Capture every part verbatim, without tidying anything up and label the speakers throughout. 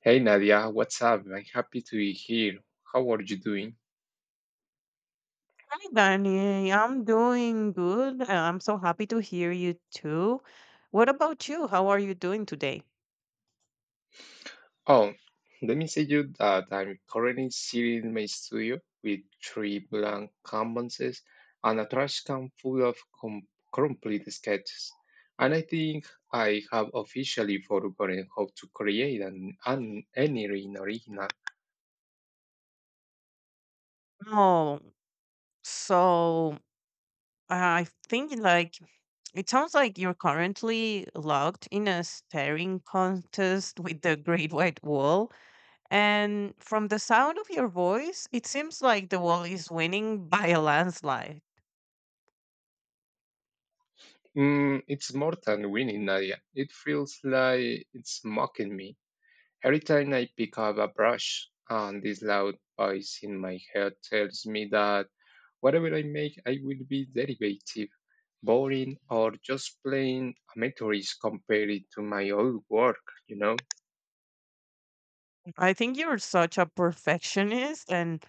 Speaker 1: Hey Nadia, what's up? I'm happy to be here. How are you doing?
Speaker 2: Hi, Danny. I'm doing good. I- I'm so happy to hear you too. What about you? How are you doing today?
Speaker 1: Oh, let me say you that I'm currently sitting in my studio with three blank canvases and a trash can full of com- complete sketches. And I think I have officially forgotten how to create an, an any original.
Speaker 2: Oh, so I think like it sounds like you're currently locked in a staring contest with the Great White Wall. And from the sound of your voice, it seems like the wall is winning by a landslide.
Speaker 1: Mm, it's more than winning, Nadia. It feels like it's mocking me. Every time I pick up a brush, and this loud voice in my head tells me that whatever I make, I will be derivative, boring, or just plain amateurish compared to my old work, you know?
Speaker 2: I think you're such a perfectionist, and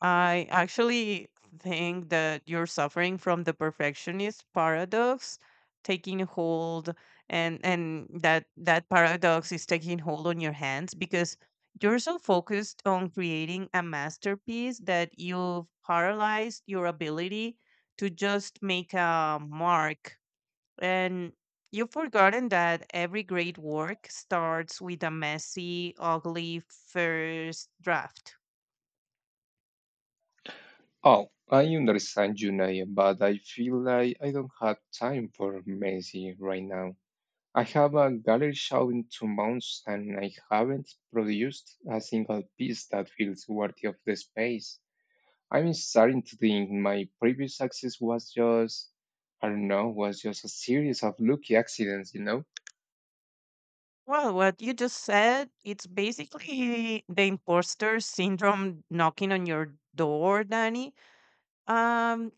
Speaker 2: I actually think that you're suffering from the perfectionist paradox taking hold, and and that that paradox is taking hold on your hands because you're so focused on creating a masterpiece that you've paralyzed your ability to just make a mark and you've forgotten that every great work starts with a messy, ugly first draft.
Speaker 1: Oh, I understand you, Naya, but I feel like I don't have time for messy right now. I have a gallery show in two months and I haven't produced a single piece that feels worthy of the space. I'm starting to think my previous success was just, I don't know, was just a series of lucky accidents, you know?
Speaker 2: Well, what you just said, it's basically the imposter syndrome knocking on your door, Danny. Um,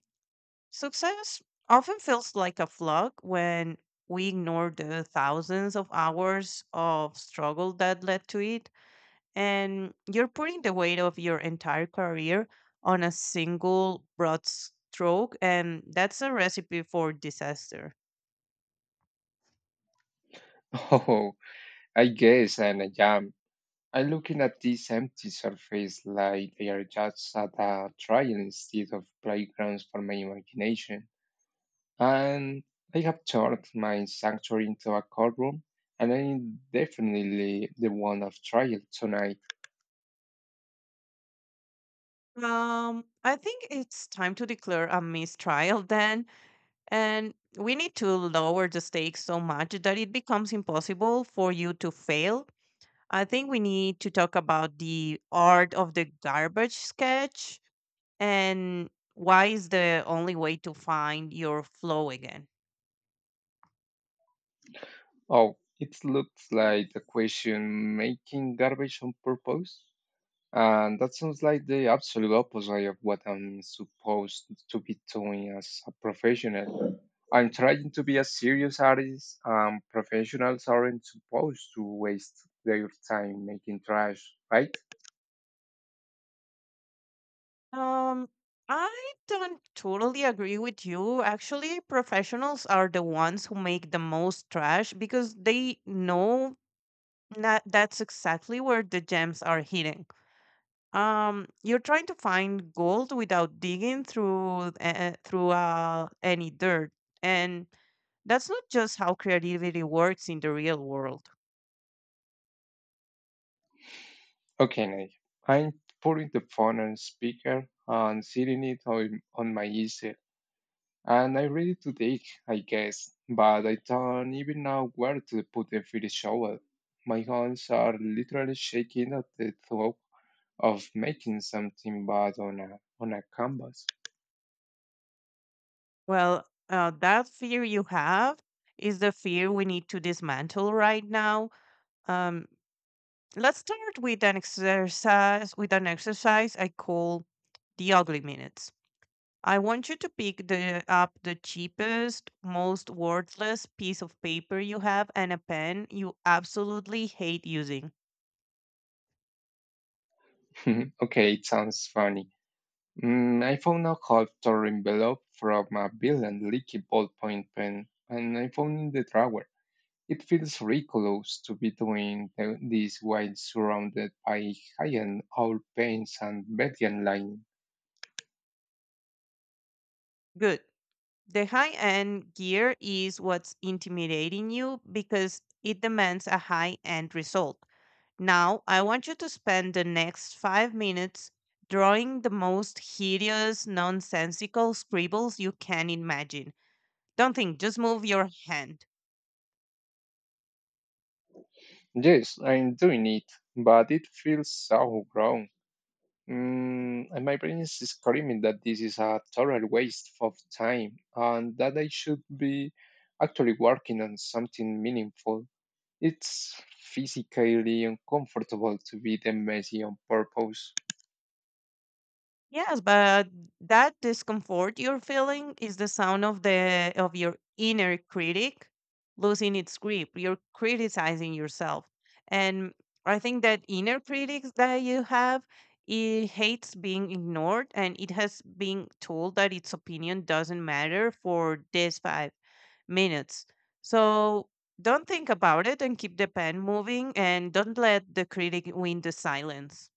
Speaker 2: Success often feels like a fluke when we ignore the thousands of hours of struggle that led to it. And you're putting the weight of your entire career on a single broad stroke, and that's a recipe for disaster.
Speaker 1: Oh, I guess, and I am. I'm looking at this empty surface like they are just at a trial instead of playgrounds for my imagination. And I have turned my sanctuary into a courtroom, and I'm definitely the one of trial tonight.
Speaker 2: um I think it's time to declare a mistrial then, and we need to lower the stakes so much that it becomes impossible for you to fail. I think we need to talk about the art of the garbage sketch, and why is the only way to find your flow again.
Speaker 1: Oh, it looks like the question making garbage on purpose. And that sounds like the absolute opposite of what I'm supposed to be doing as a professional. I'm trying to be a serious artist, and professionals aren't supposed to waste their time making trash, right?
Speaker 2: Um, I don't totally agree with you. Actually, professionals are the ones who make the most trash because they know that that's exactly where the gems are hidden. Um, you're trying to find gold without digging through uh, through uh, any dirt, and that's not just how creativity works in the real world.
Speaker 1: Okay, Nate. I'm putting the phone on speaker and sitting it on, on my easel. And I am ready to dig, I guess, but I don't even know where to put the finished shovel. My hands are literally shaking at the thought of making something bad on a on a canvas.
Speaker 2: Well, uh, that fear you have is the fear we need to dismantle right now. Um, let's start with an exercise with an exercise I call the ugly minutes. I want you to pick the up the cheapest, most worthless piece of paper you have and a pen you absolutely hate using.
Speaker 1: Okay, it sounds funny. Mm, I found a half torn envelope from a villain leaky ballpoint pen, and I found in the drawer. It feels ridiculous to be doing the, this while surrounded by high-end oil paints and Median line.
Speaker 2: Good. The high-end gear is what's intimidating you because it demands a high-end result. Now, I want you to spend the next five minutes drawing the most hideous, nonsensical scribbles you can imagine. Don't think, just move your hand.
Speaker 1: Yes, I'm doing it, but it feels so wrong. Mm, and my brain is screaming that this is a total waste of time and that I should be actually working on something meaningful. It's physically uncomfortable to be the messy on purpose.
Speaker 2: Yes, but that discomfort you're feeling is the sound of the of your inner critic losing its grip. You're criticizing yourself. And I think that inner critics that you have, it hates being ignored and it has been told that its opinion doesn't matter for this minutes. So don't think about it and keep the pen moving and don't let the critic win the silence.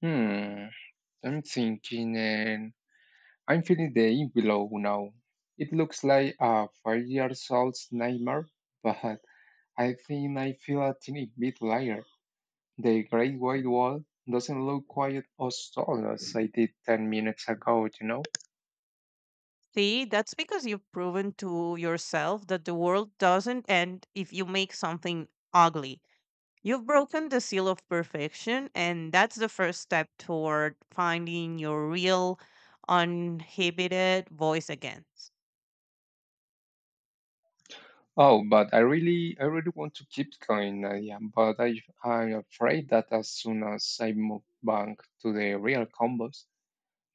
Speaker 1: Hmm, I'm thinking and I'm feeling the envelope now. It looks like a five years old's nightmare, but I think I feel a teeny bit lighter. The Great White Wall doesn't look quite as tall as I did ten minutes ago, you know?
Speaker 2: See, that's because you've proven to yourself that the world doesn't end if you make something ugly. You've broken the seal of perfection, and that's the first step toward finding your real, uninhibited voice again.
Speaker 1: Oh, but I really, I really want to keep going, Nadia, but I, I'm afraid that as soon as I move back to the real combos,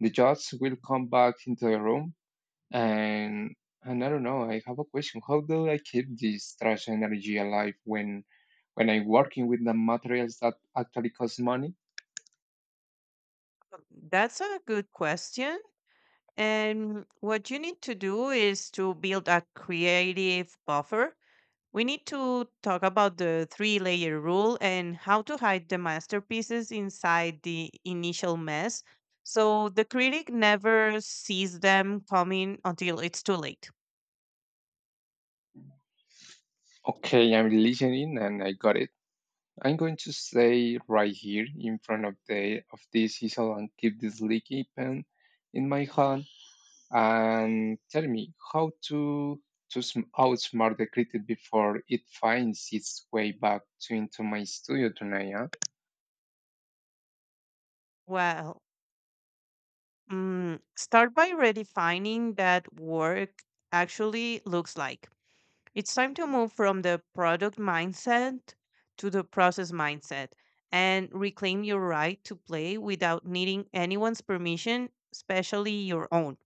Speaker 1: the judge will come back into the room and, and I don't know, I have a question. How do I keep this trash energy alive when, when I'm working with the materials that actually cost money?
Speaker 2: So, that's a good question. And what you need to do is to build a creative buffer. We need to talk about the three layer rule and how to hide the masterpieces inside the initial mess so the critic never sees them coming until it's too late.
Speaker 1: Okay, I'm listening and I got it. I'm going to stay right here in front of the of this easel and keep this leaky pen in my hand and tell me how to to sm- outsmart the critic before it finds its way back to into my studio tonight. Huh?
Speaker 2: Well, mm, start by redefining that work actually looks like. It's time to move from the product mindset to the process mindset and reclaim your right to play without needing anyone's permission, especially your own.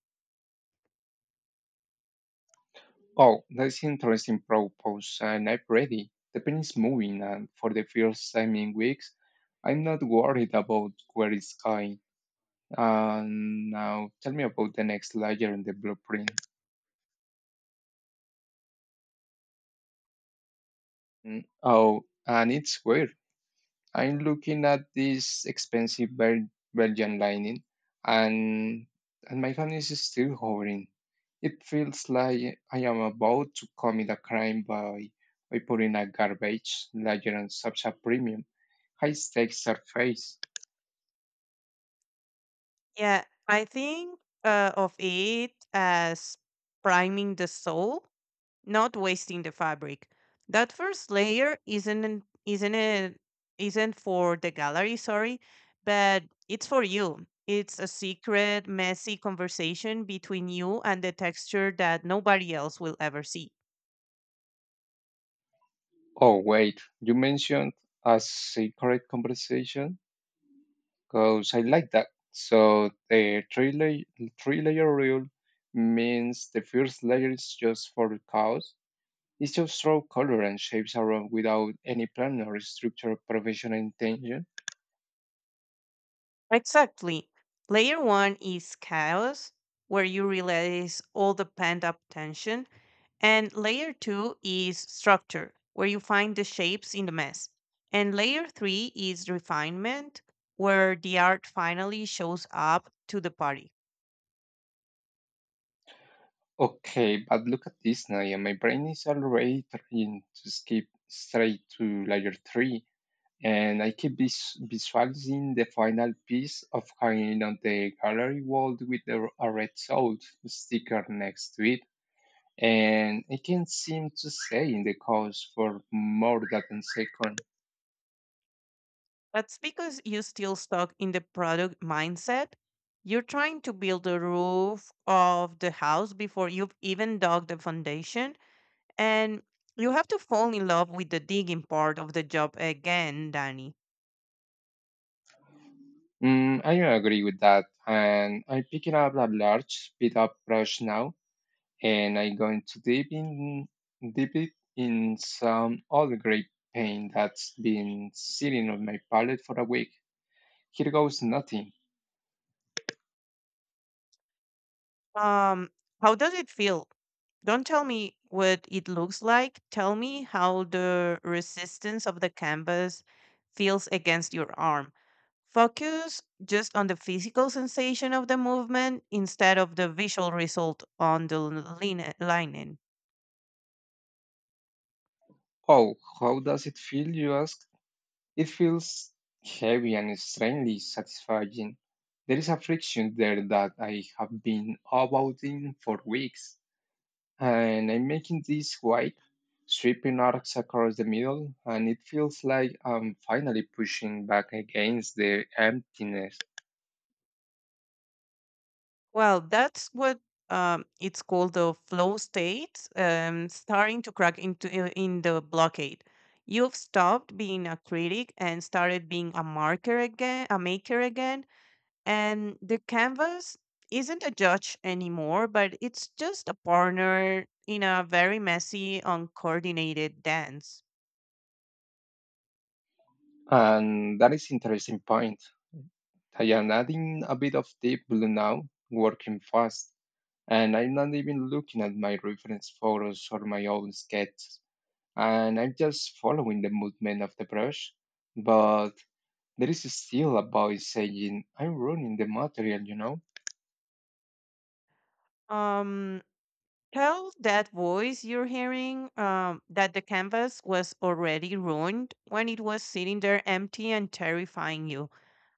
Speaker 1: Oh, that's interesting propose, and I'm ready. The pen is moving, and for the first time in weeks, I'm not worried about where it's going. And now, tell me about the next layer in the blueprint. Mm, Oh, and it's weird. I'm looking at this expensive Bel- Belgian lining, and and my hand is still hovering. It feels like I am about to commit a crime by by putting a garbage ledger on such a premium high stakes surface.
Speaker 2: Yeah, I think uh, of it as priming the soul, not wasting the fabric. That first layer isn't an- isn't it isn't for the gallery, sorry, but it's for you. It's a secret, messy conversation between you and the texture that nobody else will ever see.
Speaker 1: Oh wait, you mentioned a secret conversation. Because I like that. So the three layer three layer rule means the first layer is just for the cause. It's just throw color and shapes around without any plan or structure or professional intention.
Speaker 2: Exactly. Layer one is chaos, where you release all the pent up tension. And layer two is structure, where you find the shapes in the mess. And layer three is refinement, where the art finally shows up to the party.
Speaker 1: Okay, but look at this now, and my brain is already trying to skip straight to layer three, and I keep vis- visualizing the final piece of hanging on the gallery wall with the, a red salt sticker next to it and it can seem to stay in the coast for more than a second.
Speaker 2: That's because you're still stuck in the product mindset. You're trying to build the roof of the house before you've even dug the foundation. And you have to fall in love with the digging part of the job again, Danny.
Speaker 1: Mm, I agree with that, and I'm picking up a large speed-up brush now, and I'm going to dip in, dip it in some old grey paint that's been sitting on my palette for a week. Here goes nothing.
Speaker 2: Um, how does it feel? Don't tell me what it looks like. Tell me how the resistance of the canvas feels against your arm. Focus just on the physical sensation of the movement instead of the visual result on the lin- linen.
Speaker 1: Oh, how does it feel, you ask? It feels heavy and strangely satisfying. There is a friction there that I have been avoiding for weeks, and I'm making this white, sweeping arcs across the middle, and it feels like I'm finally pushing back against the emptiness.
Speaker 2: Well, that's what um, it's called the flow state, um, starting to crack into uh, in the blockade. You've stopped being a critic and started being a marker again, a maker again. And the canvas isn't a judge anymore, but it's just a partner in a very messy, uncoordinated dance.
Speaker 1: And that is interesting point. I am adding a bit of deep blue now, working fast, and I'm not even looking at my reference photos or my own sketches. And I'm just following the movement of the brush. But there is still a voice saying, I'm ruining the material, you know?
Speaker 2: Um, Tell that voice you're hearing um, that the canvas was already ruined when it was sitting there empty and terrifying you.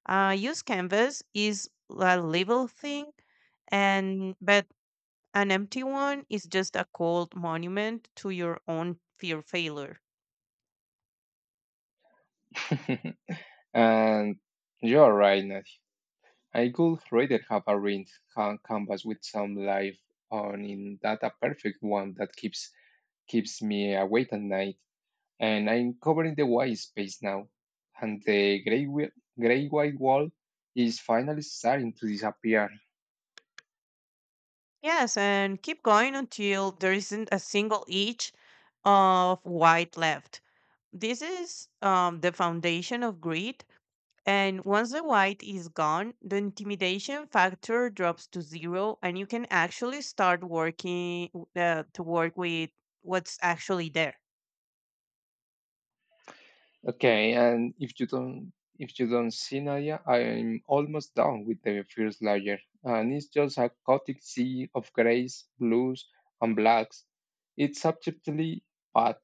Speaker 2: Uh, used canvas is a livable thing, and but an empty one is just a cold monument to your own fear failure.
Speaker 1: And you're right, Nadia. I could rather have a ring ca- canvas with some life on in that a perfect one that keeps keeps me awake at night. And I'm covering the white space now. And the gray, wi- gray white wall is finally starting to disappear.
Speaker 2: Yes, and keep going until there isn't a single inch of white left. This is um, the foundation of greed. And once the white is gone, the intimidation factor drops to zero, and you can actually start working uh, to work with what's actually there.
Speaker 1: Okay, and if you don't if you don't see Nadia, I'm almost done with the first layer, and it's just a chaotic sea of grays, blues, and blacks. It's subjectively bad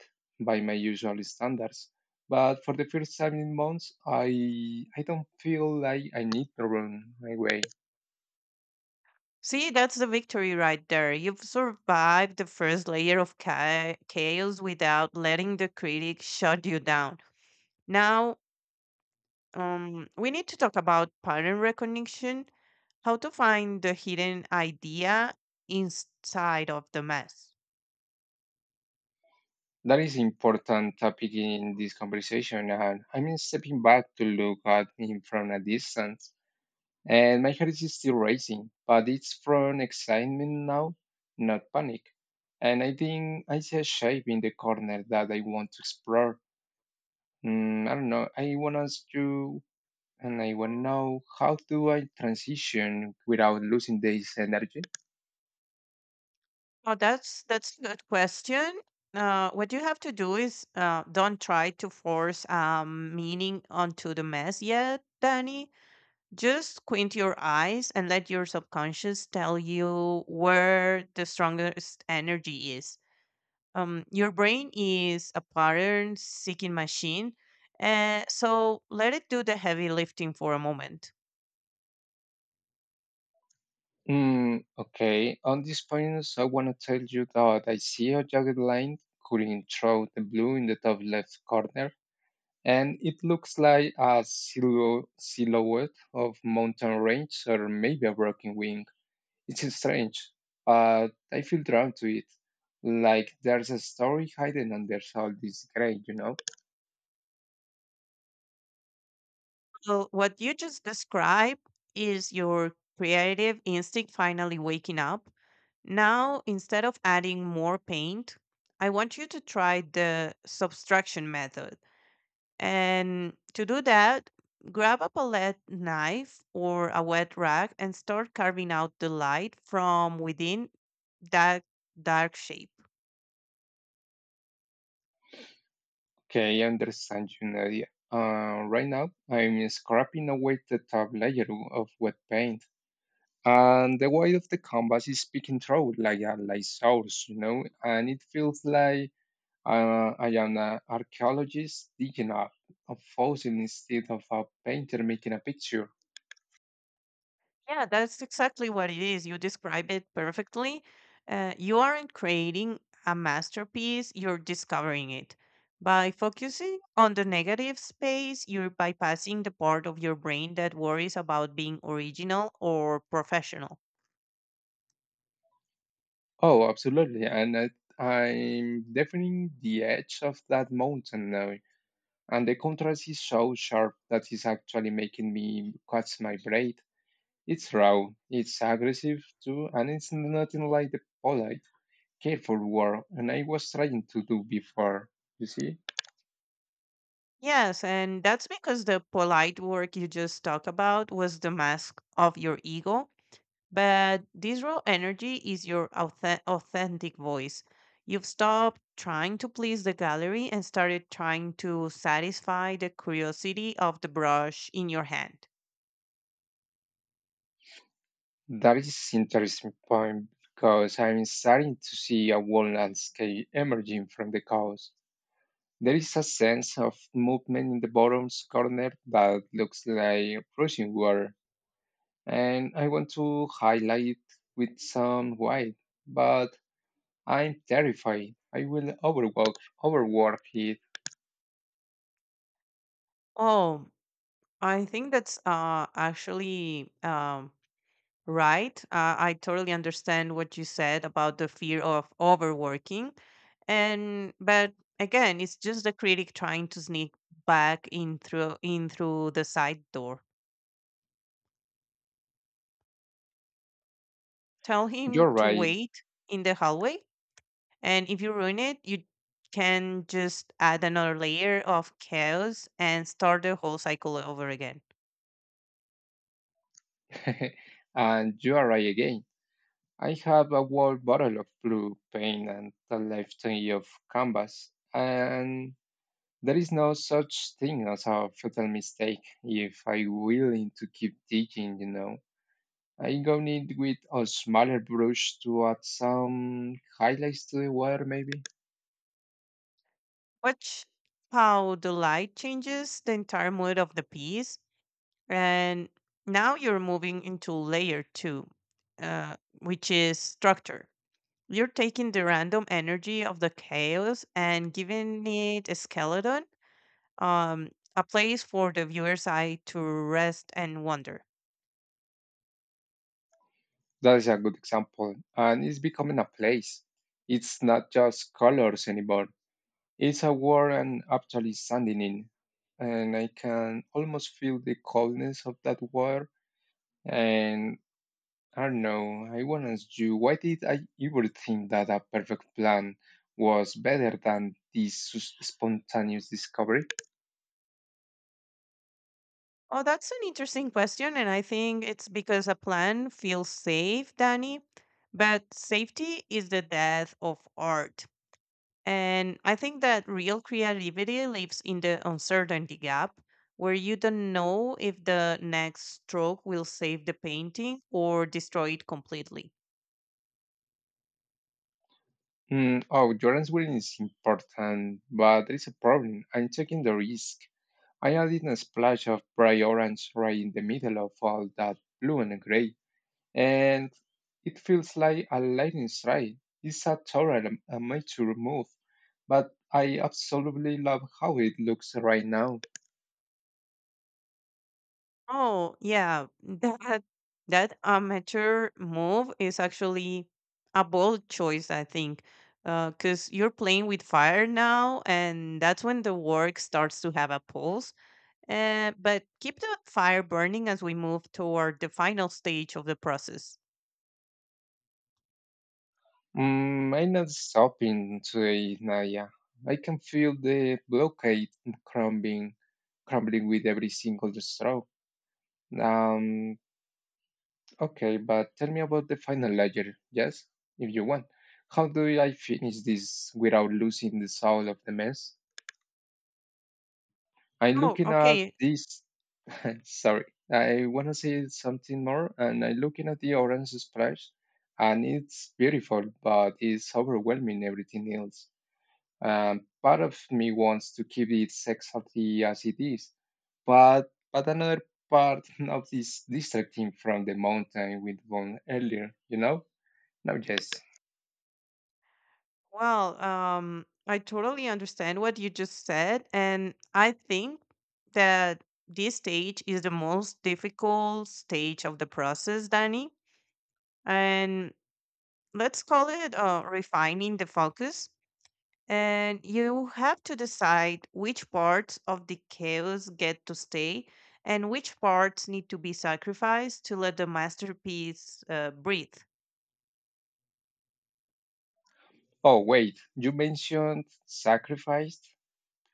Speaker 1: by my usual standards, but for the first time in months, I I don't feel like I need to run my way.
Speaker 2: See, that's the victory right there. You've survived the first layer of cha- chaos without letting the critic shut you down. Now, um, we need to talk about pattern recognition, how to find the hidden idea inside of the mess.
Speaker 1: That is important topic in this conversation, and I'm stepping back to look at him from a distance. And my heart is still racing, but it's from excitement now, not panic. And I think I see a shape in the corner that I want to explore. Mm, I don't know. I want to ask you, and I want to know how do I transition without losing this energy?
Speaker 2: Oh, that's that's a good question. Uh, what you have to do is uh, don't try to force um, meaning onto the mess yet, Danny. Just squint your eyes and let your subconscious tell you where the strongest energy is. Um, your brain is a pattern seeking machine, and so let it do the heavy lifting for a moment.
Speaker 1: Mm, okay. On this point, I want to tell you that I see a jagged line cutting through the blue in the top left corner and it looks like a silhou- silhouette of mountain range or maybe a broken wing. It is strange, but I feel drawn to it. Like there's a story hidden under all this gray, you know?
Speaker 2: So, what you just described is your creative instinct finally waking up. Now, instead of adding more paint, I want you to try the subtraction method. And to do that, grab a palette knife or a wet rag and start carving out the light from within that dark shape.
Speaker 1: Okay, I understand you, Nadia. Uh, right now, I'm scraping away the top layer of wet paint. And the weight of the canvas is peeking through like a light source, you know, and it feels like Uh, I am an archaeologist digging up a fossil instead of a painter making a picture.
Speaker 2: Yeah, that's exactly what it is. You describe it perfectly. Uh, you aren't creating a masterpiece, you're discovering it. By focusing on the negative space, you're bypassing the part of your brain that worries about being original or professional.
Speaker 1: Oh, absolutely. And I, I'm defining the edge of that mountain now. And the contrast is so sharp that it's actually making me cut my braid. It's raw, it's aggressive too, and it's nothing like the polite, careful work and I was trying to do before. You see?
Speaker 2: Yes, and that's because the polite work you just talked about was the mask of your ego. But this raw energy is your authe- authentic voice. You've stopped trying to please the gallery and started trying to satisfy the curiosity of the brush in your hand.
Speaker 1: That is interesting point because I'm starting to see a whole landscape emerging from the chaos. There is a sense of movement in the bottom corner that looks like rushing water, and I want to highlight with some white, but I'm terrified. I will overwork, overwork it.
Speaker 2: Oh, I think that's uh, actually um, right. Uh, I totally understand what you said about the fear of overworking. And but again, it's just the critic trying to sneak back in through in through the side door. Tell him
Speaker 1: You're
Speaker 2: to
Speaker 1: right,
Speaker 2: wait in the hallway, and if you ruin it, you can just add another layer of chaos and start the whole cycle over again.
Speaker 1: and you are right again. I have a whole bottle of blue paint and a lifetime of canvas, and there is no such thing as a fatal mistake if I'm willing to keep digging, you know. I go need with a smaller brush to add some highlights to the water, maybe.
Speaker 2: Watch how the light changes the entire mood of the piece. And now you're moving into layer two, uh, which is structure. You're taking the random energy of the chaos and giving it a skeleton, um, a place for the viewer's eye to rest and wonder.
Speaker 1: That is a good example. And it's becoming a place. It's not just colors anymore. It's a world I'm actually standing in. And I can almost feel the coldness of that water. And I don't know. I want to ask you, why did I ever think that a perfect plan was better than this sus- spontaneous discovery?
Speaker 2: Oh, that's an interesting question. And I think it's because a plan feels safe, Danny. But safety is the death of art. And I think that real creativity lives in the uncertainty gap, where you don't know if the next stroke will save the painting or destroy it completely.
Speaker 1: Mm, oh, your answering is important, but there is a problem. I'm taking the risk. I added a splash of bright orange right in the middle of all that blue and gray, and it feels like a lightning strike. It's a total am- amateur move, but I absolutely love how it looks right now.
Speaker 2: Oh, yeah, that that amateur move is actually a bold choice, I think, because you're playing with fire now, and that's when the work starts to have a pulse. Uh, but keep the fire burning as we move toward the final stage of the process.
Speaker 1: Mm, Mine is stopping today, Naya. I can feel the blockade crumbling, crumbling with every single straw. Um, okay, but tell me about the final layer, yes, if you want. How do I finish this without losing the soul of the mess? I'm
Speaker 2: Oh,
Speaker 1: looking at
Speaker 2: okay.
Speaker 1: this. Sorry, I want to say something more, and I'm looking at the orange splash, and it's beautiful, but it's overwhelming everything else. Um, part of me wants to keep it exactly as it is, but but another part of this distracting from the mountain we went earlier, you know? Now yes.
Speaker 2: Well, um, I totally understand what you just said, and I think that this stage is the most difficult stage of the process, Danny. And let's call it uh, refining the focus. And you have to decide which parts of the chaos get to stay and which parts need to be sacrificed to let the masterpiece uh, breathe.
Speaker 1: Oh wait, you mentioned sacrificed?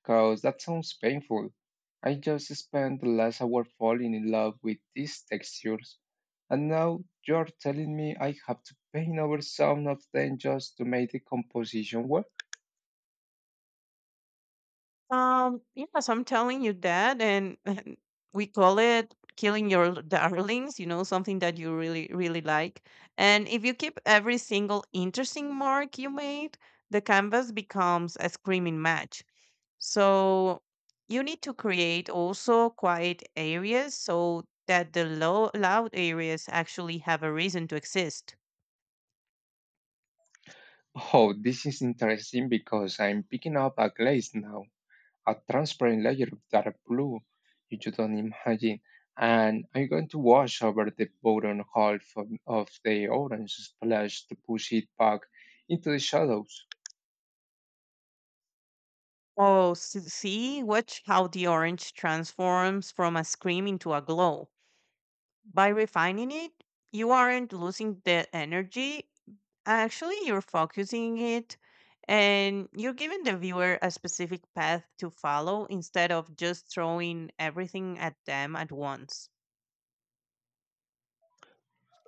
Speaker 1: Cause that sounds painful. I just spent the last hour falling in love with these textures, and now you're telling me I have to paint over some of them just to make the composition work?
Speaker 2: Um, yes, I'm telling you that. And we call it killing your darlings, you know, something that you really, really like. And if you keep every single interesting mark you made, the canvas becomes a screaming match. So you need to create also quiet areas so that the low, loud areas actually have a reason to exist.
Speaker 1: Oh, this is interesting because I'm picking up a glaze now, a transparent layer of dark blue you just don't imagine. And I'm going to wash over the bottom half of, of the orange splash to push it back into the shadows.
Speaker 2: Oh, s- see, watch how the orange transforms from a scream into a glow. By refining it, you aren't losing the energy. Actually, you're focusing it, and you're giving the viewer a specific path to follow instead of just throwing everything at them at once.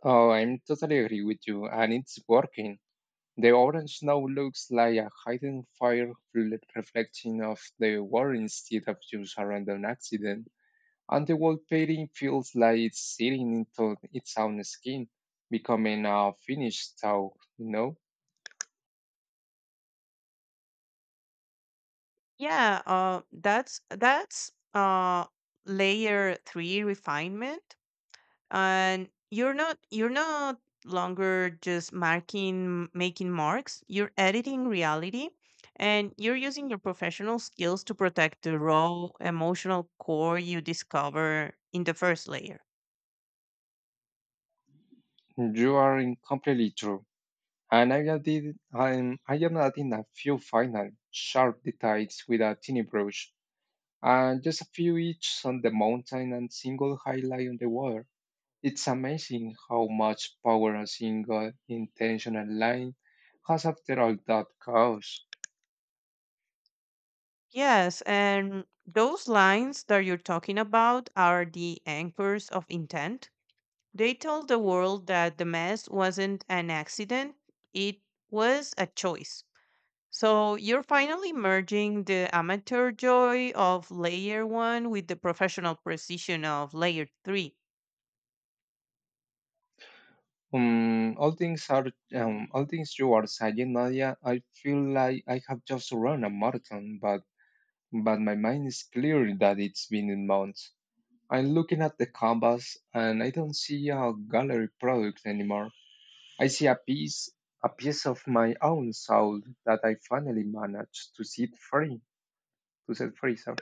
Speaker 1: Oh, I'm totally agree with you, and it's working. The orange now looks like a hidden fire fl- reflecting of the war instead of just a random accident. And the wall painting feels like it's sitting into its own skin, becoming a finished towel, you know?
Speaker 2: Yeah, uh, that's that's uh, layer three refinement, and you're not you're not longer just marking making marks. You're editing reality, and you're using your professional skills to protect the raw emotional core you discover in the first layer.
Speaker 1: You are in completely true. And I added, I'm, I am adding a few final sharp details with a tiny brush, and just a few each on the mountain and single highlight on the water. It's amazing how much power a single intentional line has after all that chaos.
Speaker 2: Yes, and those lines that you're talking about are the anchors of intent. They told the world that the mess wasn't an accident, it was a choice. So you're finally merging the amateur joy of layer one with the professional precision of layer three.
Speaker 1: Um, all things are um, all things you are saying, Nadia. I feel like I have just run a marathon, but but my mind is clear that it's been in months. I'm looking at the canvas, and I don't see a gallery product anymore. I see a piece, a piece of my own soul that I finally managed to set free. To set free, sorry.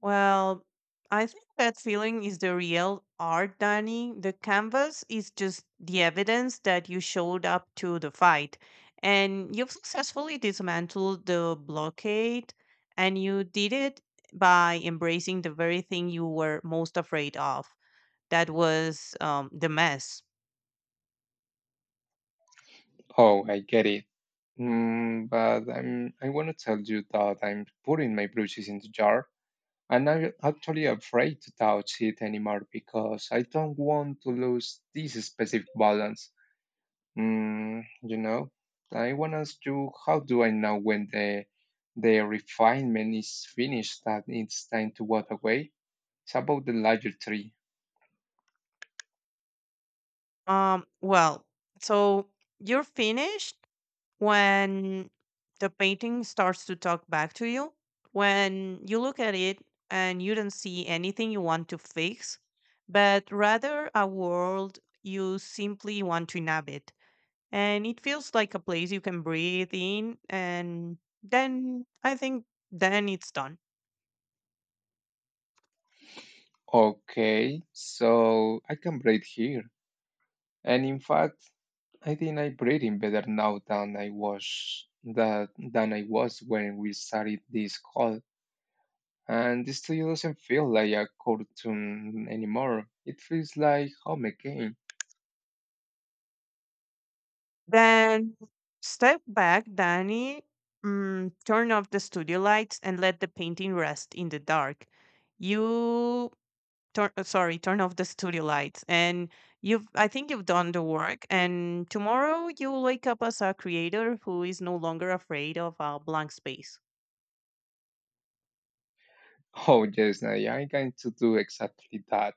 Speaker 2: Well, I think that feeling is the real art, Danny. The canvas is just the evidence that you showed up to the fight, and you've successfully dismantled the blockade, and you did it by embracing the very thing you were most afraid of. That was um, the mess.
Speaker 1: Oh, I get it. Mm, but I'm, I want to tell you that I'm putting my brushes into jar. And I'm actually afraid to touch it anymore because I don't want to lose this specific balance. Mm, you know, I want to ask you, how do I know when the the refinement is finished that it's time to walk away? It's about the larger tree.
Speaker 2: Um, well, so you're finished when the painting starts to talk back to you, when you look at it and you don't see anything you want to fix, but rather a world you simply want to inhabit. And it feels like a place you can breathe in, and then I think then it's done.
Speaker 1: Okay, so I can breathe here. And in fact, I think I breathe in better now than I was that than I was when we started this call. And this studio doesn't feel like a cartoon anymore. It feels like home again.
Speaker 2: Then step back, Danny. Mm, turn off the studio lights and let the painting rest in the dark. You turn uh, sorry turn off the studio lights, and you've I think you've done the work, and tomorrow you'll wake up as a creator who is no longer afraid of a blank space.
Speaker 1: Oh yes, I, I'm going to do exactly that.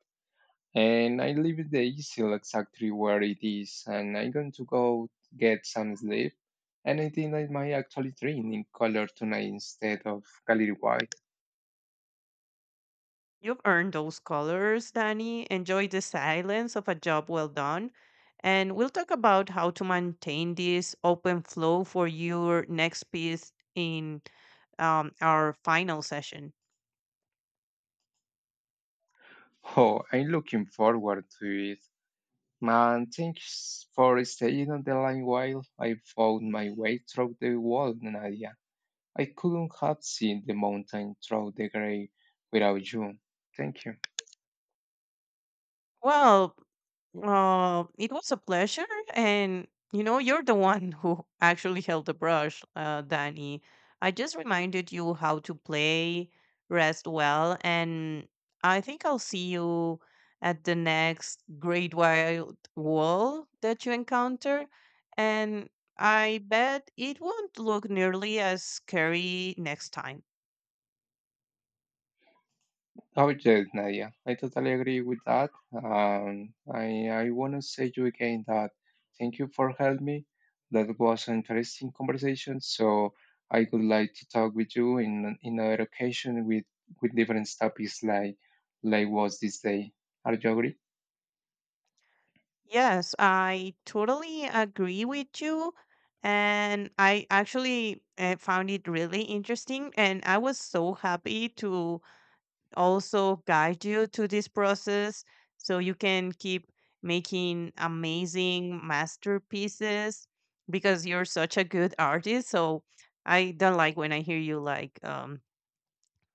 Speaker 1: And I leave the easel exactly where it is, and I'm going to go get some sleep. And I think I might actually dream in color tonight instead of gallery white.
Speaker 2: You've earned those colors, Danny. Enjoy the silence of a job well done, and we'll talk about how to maintain this open flow for your next piece in um, our final session.
Speaker 1: Oh, I'm looking forward to it. Man, thanks for staying on the line while I found my way through the wall, Nadia. I couldn't have seen the mountain through the gray without you. Thank you.
Speaker 2: Well, Uh, it was a pleasure, and you know, you're the one who actually held the brush, uh, Danny. I just reminded you how to play, rest well, and I think I'll see you at the next great wild wall that you encounter. And I bet it won't look nearly as scary next time.
Speaker 1: Oh, yes, Nadia. I totally agree with that. Um, I, I want to say to you again that thank you for helping me. That was an interesting conversation. So I would like to talk with you in, in another occasion with, with different topics like, like was this day. Are you agree?
Speaker 2: Yes, I totally agree with you. And I actually uh, found it really interesting. And I was so happy to also guide you to this process so you can keep making amazing masterpieces because you're such a good artist. So I don't like when I hear you like, um,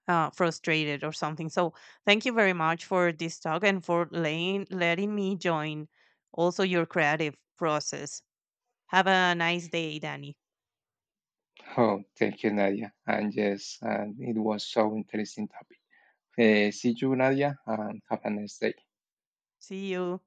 Speaker 2: uh, frustrated or something. So thank you very much for this talk and for laying, letting me join also your creative process. Have a nice day, Danny.
Speaker 1: Oh, thank you, Nadia. And yes, and it was so interesting topic. Uh, see you, Nadia, and have a nice day.
Speaker 2: See you.